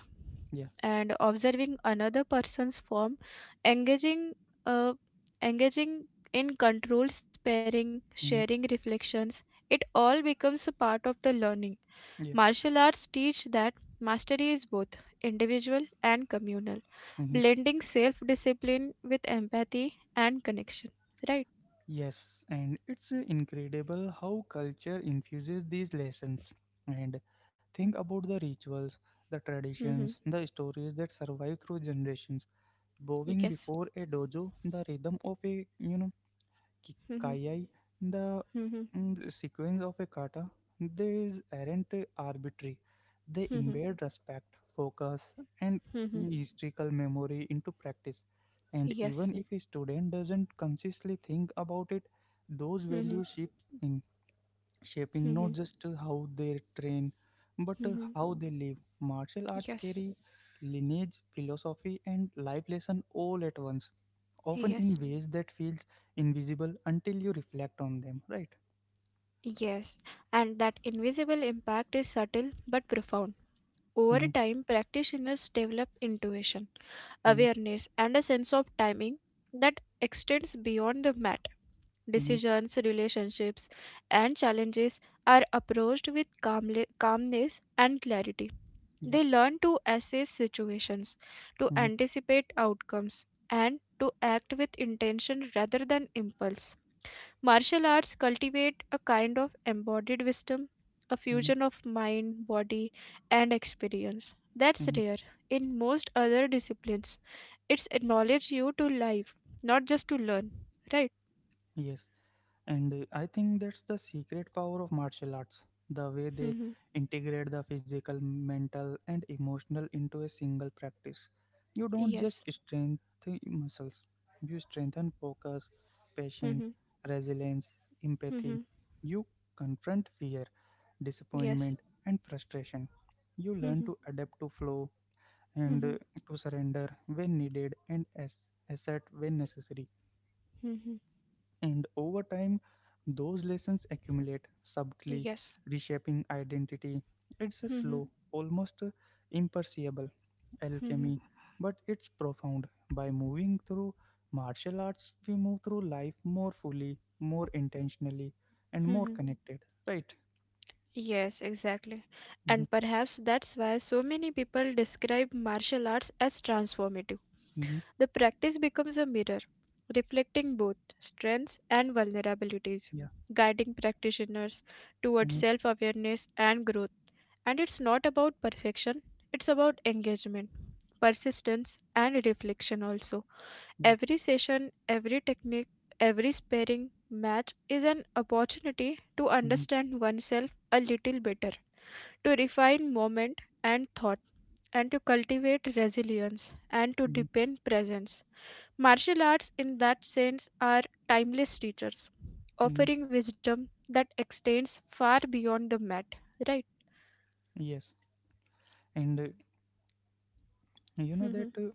S2: Yeah.
S1: And observing another person's form, engaging, uh, engaging in controlled sparing,
S2: Hmm.
S1: sharing reflections, it all becomes a part of the learning.
S2: Yeah.
S1: Martial arts teach that mastery is both individual and communal,
S2: Hmm.
S1: blending self discipline with empathy and connection. Right?
S2: Yes, and it's incredible how culture infuses these lessons. And think about the rituals, the
S1: Mm-hmm.
S2: traditions, the stories that survive through generations. Bowing
S1: Yes.
S2: before a dojo, the rhythm of a ki-
S1: Hmm.
S2: kayai, the
S1: Mhm.
S2: sequence of a kata, these aren't arbitrary. They
S1: Mhm.
S2: embed respect, focus, and
S1: Mhm.
S2: historical memory into practice. And
S1: Yes.
S2: even if a student doesn't consciously think about it, those
S1: Mhm.
S2: values shift in shaping not
S1: Mhm.
S2: just how they train but
S1: Mhm.
S2: how they live. Martial arts
S1: Yes.
S2: carry lineage, philosophy, and life lesson all at once, often in
S1: Yes.
S2: ways that feels invisible until you reflect on them. Right?
S1: Yes. And that invisible impact is subtle but profound.
S2: Mm-hmm,
S1: Over time, practitioners develop intuition,
S2: mm-hmm,
S1: awareness, and a sense of timing that extends beyond the mat.
S2: mm-hmm,
S1: Decisions, relationships, and challenges are approached with calmness and clarity.
S2: yeah.
S1: They learn to assess situations, to
S2: Mm-hmm,
S1: anticipate outcomes, and to act with intention rather than impulse. Martial arts cultivate a kind of embodied wisdom, a
S2: mm-hmm,
S1: fusion of mind, body, and experience. That's
S2: mm-hmm,
S1: rare. In most other disciplines, it's acknowledge you to live, not just to learn. Right?
S2: yes. And I think that's the secret power of martial arts, the way they
S1: Mm-hmm.
S2: integrate the physical, mental, and emotional into a single practice. You don't just
S1: Yes.
S2: strengthen muscles, you strengthen focus, patience,
S1: Mm-hmm.
S2: resilience,
S1: Mm-hmm.
S2: empathy. You confront fear,
S1: Yes.
S2: disappointment, and frustration. You learn
S1: Mm-hmm.
S2: to adapt to flow, and
S1: Mm-hmm.
S2: to surrender when needed and assert when necessary,
S1: Mm-hmm.
S2: and over time, those lessons accumulate subtly,
S1: Yes.
S2: reshaping identity. It's a
S1: Mm-hmm.
S2: slow, almost imperceptible alchemy, but it's profound. By moving through martial arts, we move through life more fully, more intentionally, and more
S1: Mm-hmm.
S2: connected. Right?
S1: Yes, exactly. And
S2: Mm-hmm,
S1: perhaps that's why so many people describe martial arts as transformative.
S2: mm-hmm,
S1: The practice becomes a mirror, reflecting both strengths and vulnerabilities,
S2: yeah.
S1: guiding practitioners towards
S2: Mm-hmm,
S1: self awareness and growth. And it's not about perfection, it's about engagement, persistence, and reflection also.
S2: yeah.
S1: Every session, every technique, every sparring match is an opportunity to
S2: Mm-hmm,
S1: understand oneself a little better, to refine moment and thought, and to cultivate resilience and to
S2: mm-hmm,
S1: deepen presence. Martial arts, in that sense, are timeless teachers,
S2: mm-hmm.
S1: offering wisdom that extends far beyond the mat. Right?
S2: Yes. And you know that,
S1: Mhm,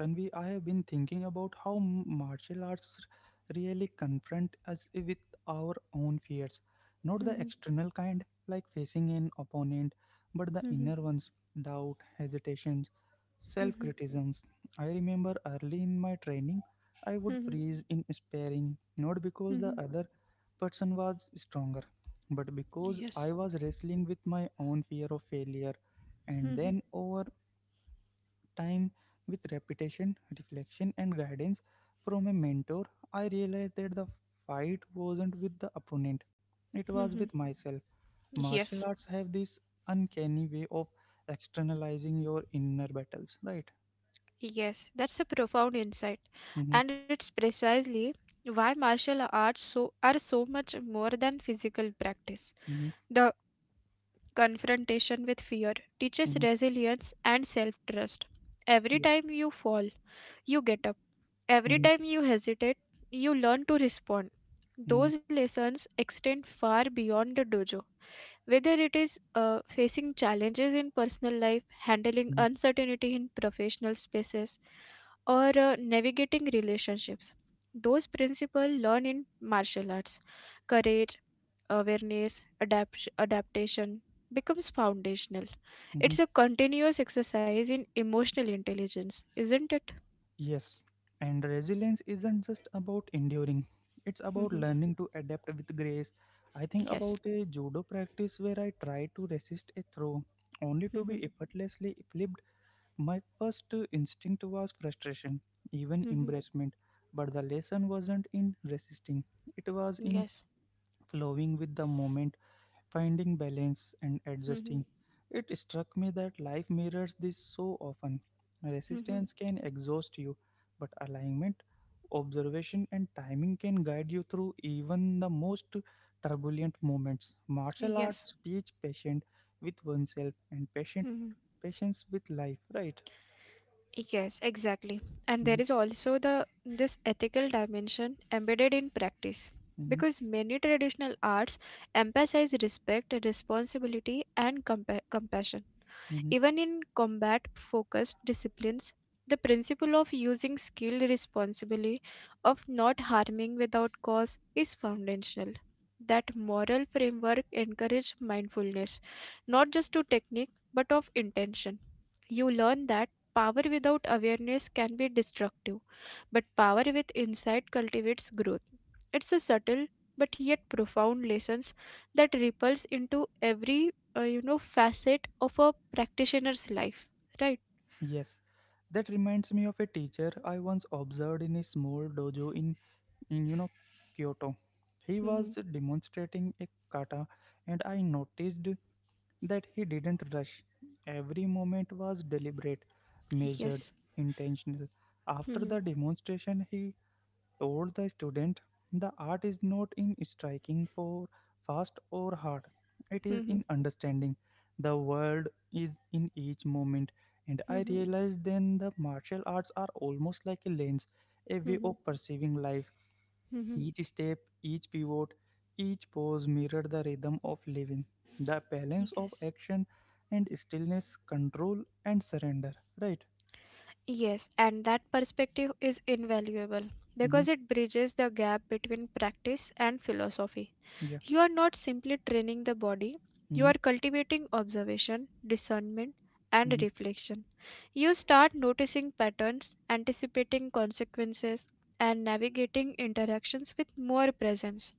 S2: Tanvi, I have been thinking about how martial arts really confront us with our own fears. Not the
S1: mhm,
S2: external kind, like facing an opponent, but the
S1: mhm,
S2: inner ones: doubt, hesitations, self
S1: mhm,
S2: criticisms. I remember early in my training, I would
S1: mhm,
S2: freeze in sparring, not because the
S1: mhm.
S2: other person was stronger, but because I
S1: Yes.
S2: was wrestling with my own fear of failure. And
S1: Mhm,
S2: then over time, with repetition, reflection, and guidance from a mentor, I realized that the fight wasn't with the opponent, it was
S1: mhm.
S2: with myself. Martial
S1: Yes.
S2: arts have this uncanny way of externalizing your inner battles, right?
S1: Yes. That's a profound insight.
S2: Mm-hmm,
S1: And it's precisely why martial arts so are so much more than physical practice.
S2: mm-hmm,
S1: The confrontation with fear teaches
S2: mm-hmm,
S1: resilience and self trust. Every
S2: yeah,
S1: time you fall, you get up. Every
S2: mm-hmm,
S1: time you hesitate, you learn to respond.
S2: mm-hmm,
S1: Those lessons extend far beyond the dojo. Whether it is facing challenges in personal life, handling
S2: mm-hmm,
S1: uncertainty in professional spaces, or navigating relationships, those principles learned in martial arts, courage, awareness, adaptation, becomes foundational.
S2: mm-hmm.
S1: It's a continuous exercise in emotional intelligence, isn't it?
S2: Yes, and resilience isn't just about enduring, it's about
S1: Mm-hmm.
S2: learning to adapt with grace. I think
S1: Yes.
S2: about a judo practice where I tried to resist a throw only to
S1: Hmm.
S2: be effortlessly flipped. My first instinct was frustration, even
S1: Hmm.
S2: embarrassment, but the lesson wasn't in resisting, it was in
S1: Yes.
S2: flowing with the moment finding balance and adjusting.
S1: Hmm.
S2: It struck me that life mirrors this so often.
S1: Hmm.
S2: Resistance can exhaust you, but alignment, observation, and timing can guide you through even the most turbulent moments. Martial
S1: Yes.
S2: arts teach patience with oneself and patient
S1: Hmm.
S2: patience with life, right?
S1: Yes, exactly. And there
S2: Mhm,
S1: is also the this ethical dimension embedded in practice.
S2: mhm,
S1: Because many traditional arts emphasize respect, responsibility, and compassion.
S2: mhm.
S1: Even in combat focused disciplines, the principle of using skill responsibly, of not harming without cause, is foundational. That moral framework encourages mindfulness, not just to technique but of intention. You learn that power without awareness can be destructive, but power with insight cultivates growth. It's a subtle but yet profound lessons that ripples into every facet of a practitioner's life, right?
S2: Yes. That reminds me of a teacher I once observed in a small dojo in Kyoto. He was
S1: Hmm.
S2: demonstrating a kata, and I noticed that he didn't rush. Every moment was deliberate, measured,
S1: Yes.
S2: intentional. After
S1: Hmm.
S2: the demonstration, he told the student, "The art is not in striking for fast or hard. It is
S1: Hmm.
S2: in understanding. The world is in each moment." And I
S1: Hmm.
S2: realized then the martial arts are almost like a lens, a
S1: Hmm.
S2: way
S1: Hmm.
S2: of perceiving life
S1: Hmm.
S2: each step, each pivot, each pose mirrored the rhythm of living, the balance of
S1: Yes.
S2: action and stillness, control and surrender. Right?
S1: Yes, and that perspective is invaluable
S2: Mm-hmm.
S1: because it bridges the gap between practice and philosophy.
S2: Yeah.
S1: You are not simply training the body, you are
S2: Mm-hmm.
S1: cultivating observation, discernment, and
S2: Mm-hmm.
S1: reflection. You start noticing patterns, anticipating consequences, and navigating interactions with more presence.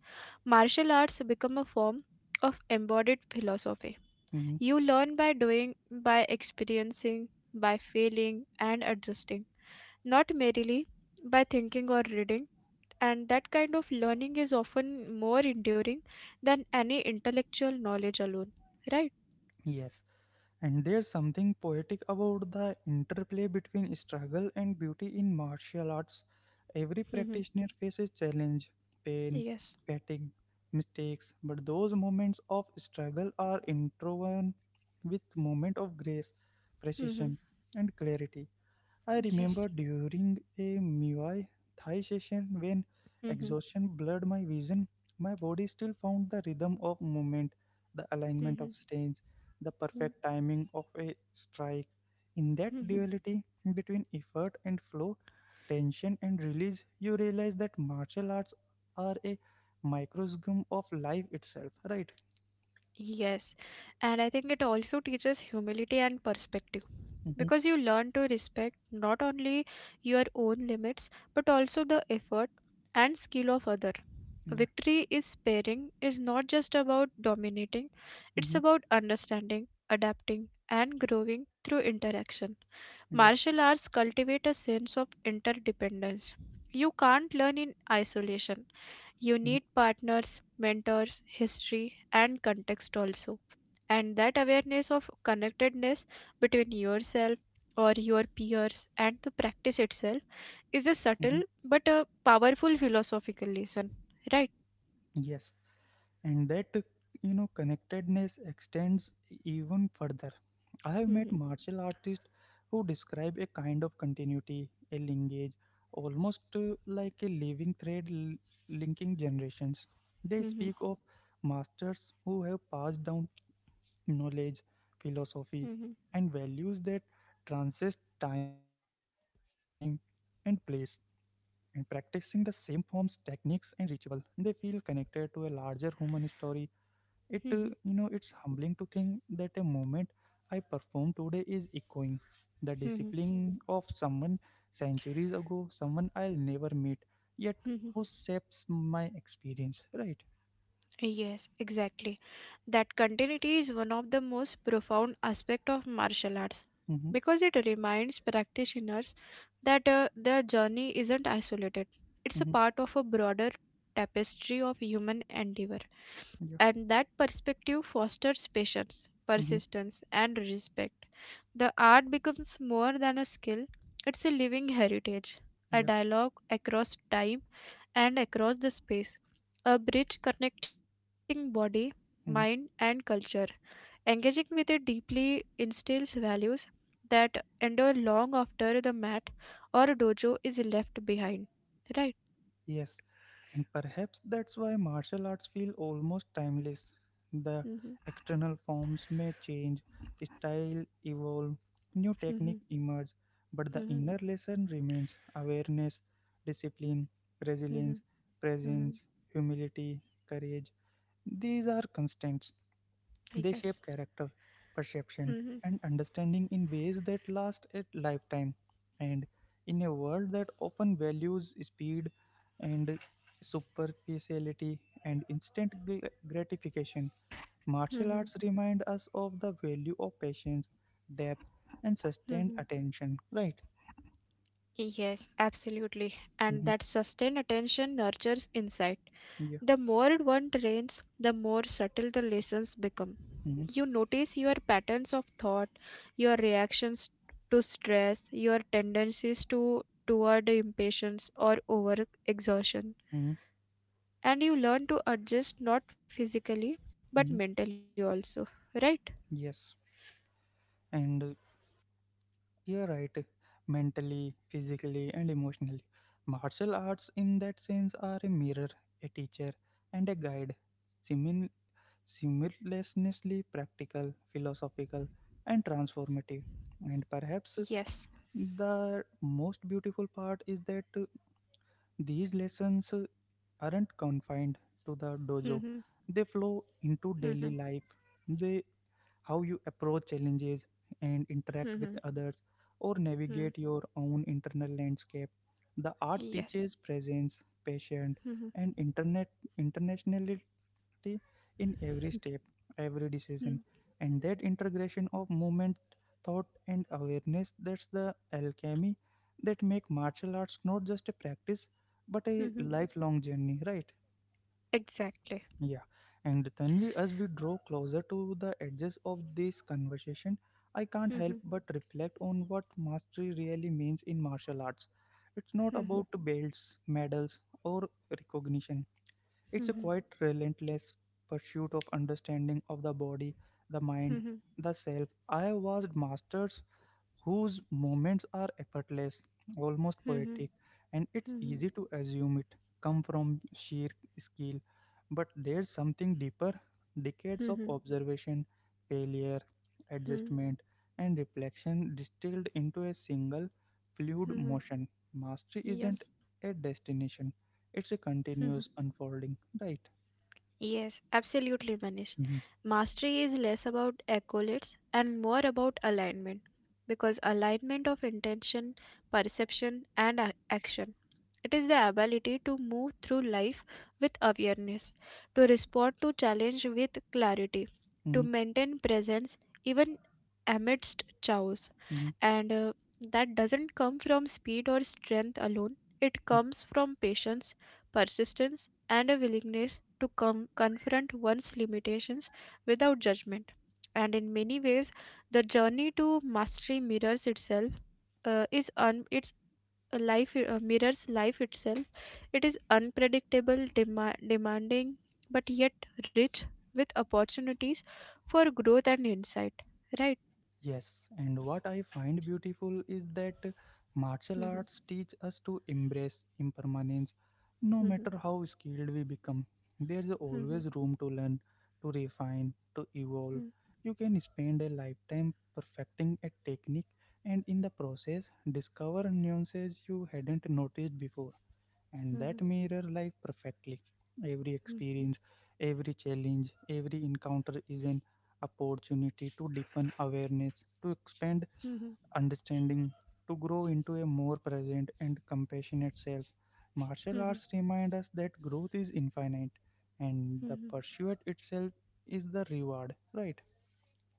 S1: Martial arts become a form of embodied philosophy.
S2: Mm-hmm.
S1: You learn by doing, by experiencing, by failing, and adjusting not merely by thinking or reading, and that kind of learning is often more enduring than any intellectual knowledge alone, right?
S2: Yes. And there's something poetic about the interplay between struggle and beauty in martial arts. Every
S1: Mm-hmm.
S2: practitioner faces challenge, pain,
S1: Yes.
S2: fatigue, mistakes, but those moments of struggle are interwoven with moment of grace,
S1: Mm-hmm.
S2: precision, and clarity. I
S1: Yes.
S2: remember during a Muay Thai session when
S1: Mm-hmm.
S2: exhaustion blurred my vision, my body still found the rhythm of movement, the
S1: Mm-hmm.
S2: alignment of stance, the perfect timing of a strike. In that
S1: Mm-hmm.
S2: duality between effort and flow, tension and release, you realize that martial arts are a microcosm of life itself, right?
S1: Yes, and I think it also teaches humility and perspective
S2: Mm-hmm.
S1: because you learn to respect not only your own limits but also the effort and skill of other.
S2: Yeah.
S1: Victory is sparing is not just about dominating, it's
S2: Mm-hmm.
S1: about understanding, adapting, and growing through
S2: Yeah.
S1: interaction. Martial arts cultivate a sense of interdependence. You can't learn in isolation,
S2: Mm-hmm.
S1: you need partners, mentors, history, and context also. And that awareness of connectedness between yourself or your peers and the practice itself is a
S2: Mm-hmm.
S1: subtle but a powerful philosophical lesson, right?
S2: Yes. And that connectedness extends even further. I have met
S1: Mhm.
S2: martial artists who describe a kind of continuity, a linkage almost like a living thread linking generations. They
S1: Mhm.
S2: speak of masters who have passed down knowledge, philosophy,
S1: Mhm.
S2: and values that transcend time and place, and practicing the same forms, techniques, and ritual, they feel connected to a larger human story. It,
S1: Mhm.
S2: you know, it's humbling to think that a moment I perform today is echoing the
S1: Mhm.
S2: discipline of someone centuries ago, someone I'll never meet, yet
S1: Mhm.
S2: who shapes my experience, right?
S1: Yes, exactly. That continuity is one of the most profound aspect of martial arts
S2: Mm-hmm,
S1: because it reminds practitioners that their journey isn't isolated. It's a
S2: mm-hmm,
S1: part of a broader tapestry of human endeavor,
S2: yeah,
S1: and that perspective fosters patience,
S2: mm-hmm,
S1: persistence, and respect. The art becomes more than a skill, it's a living heritage, a
S2: yeah,
S1: dialogue across time and across the space. A bridge connecting body, mind, and
S2: mm-hmm.
S1: culture. Engaging with it deeply instills values that endure long after the mat or dojo is left behind. Right?
S2: Yes, and perhaps that's why martial arts feel almost timeless. The
S1: Mhm,
S2: external forms may change, style evolve, new technique
S1: mhm,
S2: emerge, but the
S1: mhm,
S2: inner lesson remains awareness, discipline, resilience,
S1: mhm, mhm,
S2: presence, humility, courage. These are constants.
S1: I
S2: They
S1: guess.
S2: shape character, perception,
S1: Mhm,
S2: and understanding in ways that last a lifetime. And in a world that often values speed and superficiality and instant gratification, martial
S1: mhm,
S2: arts remind us of the value of patience, depth, and sustained
S1: mhm.
S2: attention. Right?
S1: Yes, absolutely. And
S2: hmm
S1: that sustained attention nurtures insight.
S2: Yeah.
S1: The more one trains, the more subtle the lessons become.
S2: hmm
S1: You notice your patterns of thought, your reactions to stress, your tendencies to toward impatience or over exertion.
S2: hmm
S1: And you learn to adjust not physically but
S2: hmm
S1: mentally also, right?
S2: Yes. And you're right. Mentally, physically, and emotionally. Martial arts, in that sense, are a mirror, a teacher, and a guide. Simin- simultaneously practical, philosophical, and transformative. And perhaps
S1: Yes.
S2: the most beautiful part is that these lessons aren't confined to the dojo,
S1: Mhm.
S2: they flow
S1: Mhm.
S2: into daily life. They how you approach challenges and
S1: Mhm.
S2: interact with others or
S1: Mhm.
S2: navigate your own internal landscape. The art
S1: Yes.
S2: teaches presence, patience,
S1: Mhm.
S2: and internet internationality in every step, every
S1: Mhm.
S2: decision, and that integration of movement, thought, and awareness, that's the alchemy that make martial arts not just a practice but a
S1: Mhm.
S2: lifelong journey, right?
S1: Exactly.
S2: Yeah, as we draw closer to the edges of this conversation, I can't
S1: Mhm.
S2: help but reflect on what mastery really means in martial arts. It's not
S1: Mhm.
S2: about belts, medals, or recognition. It's a
S1: Mhm.
S2: quite relentless pursuit of understanding of the body, the mind,
S1: Mhm.
S2: the self. I have watched masters whose moments are effortless, almost
S1: Mhm.
S2: poetic, and it's
S1: Mhm.
S2: easy to assume it come from sheer skill. But there's something deeper, decades of
S1: Mhm.
S2: observation, failure,
S1: Mhm.
S2: adjustment, and reflection distilled into a single fluid
S1: Mhm.
S2: motion. Mastery isn't
S1: Yes.
S2: a destination, it's a
S1: Mhm.
S2: continuous unfolding, right?
S1: Yes, absolutely, Manish. Mastery is less about accolades and more about alignment because alignment of intention, perception, and action. It is the ability to move through life with awareness, to respond to challenge with clarity, to
S2: Mm-hmm.
S1: maintain presence even amidst chaos.
S2: hmm
S1: And that doesn't come from speed or strength alone, it comes from patience, persistence, and a willingness to confront one's limitations without judgment. And in many ways the journey to mastery mirrors itself, is un- it's a life mirrors life itself. It is unpredictable, demanding but yet rich with opportunities for growth and insight, right?
S2: Yes, and what I find beautiful is that martial
S1: Hmm.
S2: arts teach us to embrace impermanence. No
S1: Hmm.
S2: matter how skilled we become, there's
S1: Hmm.
S2: always room to learn, to refine, to evolve. You can spend a lifetime perfecting a technique and in the process discover nuances you hadn't noticed before, and that
S1: Mhm,
S2: mirror life perfectly. Every
S1: mhm,
S2: experience, every challenge, every encounter is an opportunity to deepen awareness, to expand
S1: mhm,
S2: understanding, to grow into a more present and compassionate self. Martial
S1: mhm,
S2: arts remind us that growth is infinite and the
S1: mhm.
S2: pursuit itself is the reward, right?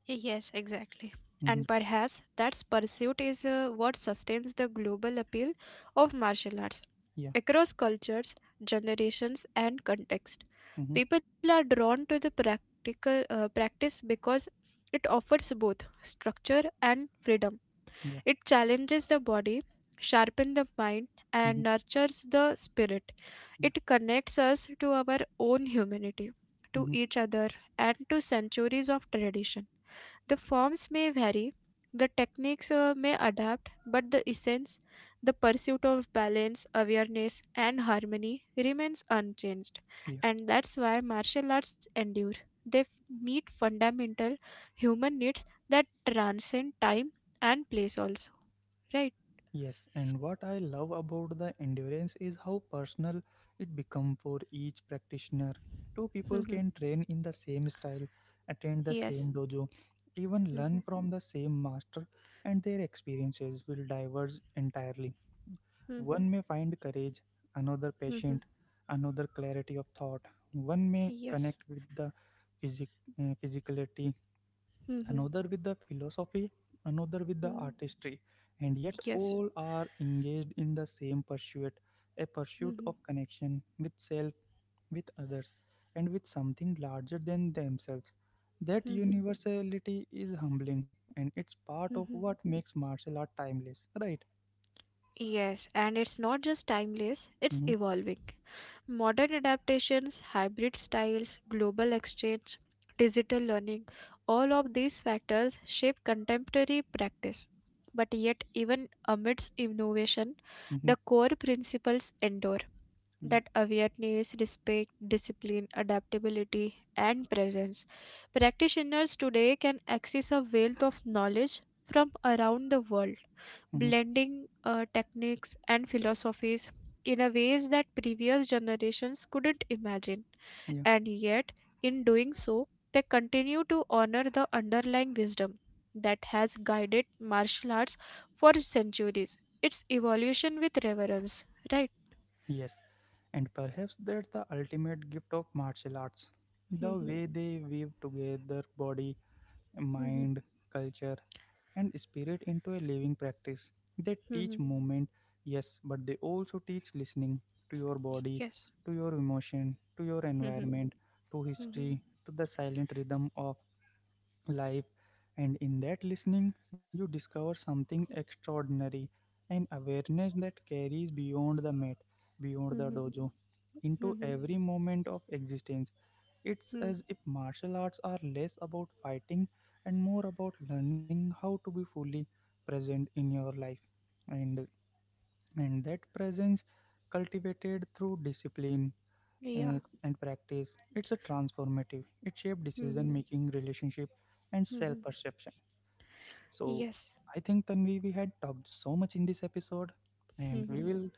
S1: Yes, exactly.
S2: Mm-hmm.
S1: And perhaps that pursuit is what sustains the global appeal of martial arts.
S2: Yeah.
S1: Across cultures, generations, and context,
S2: Mm-hmm.
S1: people are drawn to the practical practice because it offers both structure and freedom.
S2: Yeah.
S1: It challenges the body, sharpens the mind,
S2: Mm-hmm.
S1: and nurtures the spirit.
S2: Yeah.
S1: It connects us to our own humanity, to
S2: Mm-hmm.
S1: each other, and to centuries of tradition. The forms may vary, the techniques may adapt, but the essence, the pursuit of balance, awareness, and harmony remains unchanged.
S2: Yeah.
S1: And that's why martial arts endure. They meet fundamental human needs that transcend time and place, also. Right?
S2: Yes, and what I love about the endurance is how personal it becomes for each practitioner. Two people
S1: Hmm.
S2: can train in the same style, attend the
S1: Yes.
S2: same dojo, even learn
S1: Hmm.
S2: from the same master, and their experiences will diverge entirely.
S1: Hmm.
S2: One may find courage, another
S1: Hmm.
S2: patient, another clarity of thought. One may
S1: Yes.
S2: connect with the physicality,
S1: Hmm.
S2: another with the philosophy, another with the artistry, and yet
S1: Yes.
S2: all are engaged in the same pursuit, a pursuit
S1: Mhm,
S2: of connection with self, with others, and with something larger than themselves. That
S1: mhm,
S2: universality is humbling, and it's part of
S1: mhm.
S2: what makes martial art timeless, right?
S1: Yes, and it's not just timeless, it's
S2: hmm
S1: evolving. Modern adaptations, hybrid styles, global exchange, digital learning, all of these factors shape contemporary practice. But yet, even amidst innovation,
S2: hmm
S1: the core principles endure.
S2: Yeah.
S1: That awareness, respect, discipline, adaptability, and presence. Practitioners today can access a wealth of knowledge from around the world,
S2: hmm
S1: blending techniques and philosophies in a ways that previous generations couldn't imagine.
S2: Yeah.
S1: And yet, in doing so, they continue to honor the underlying wisdom that has guided martial arts for centuries. Its evolution with reverence, right?
S2: Yes. And perhaps that's the ultimate gift of martial arts, the way they weave together body, mind, culture, and spirit into a living practice. They teach movement, yes, but they also teach listening to your body,
S1: Yes.
S2: to your emotion, to your
S1: Mhm.
S2: environment, to
S1: Mhm.
S2: history, to the silent rhythm of life. And in that listening, you discover something extraordinary, an awareness that carries beyond the mat, beyond the
S1: Mhm.
S2: dojo, into
S1: Mhm.
S2: every moment of existence. It's
S1: Mhm.
S2: as if martial arts are less about fighting and more about learning how to be fully present in your life. And, and that presence cultivated through discipline
S1: Yeah.
S2: and practice, it's a transformative. It shaped decision
S1: Mhm.
S2: making, relationship, and self
S1: Mhm.
S2: perception. So
S1: Yes.
S2: I think, Tanvi, we had talked so much in this episode, and
S1: Mhm.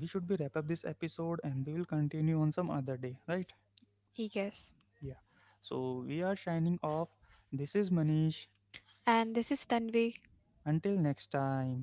S2: we should be wrap up this episode and we will continue on some other day, right?
S1: Yes.
S2: Yeah. So we are signing off. This is Manish.
S1: And this is Tanvi.
S2: Until next time.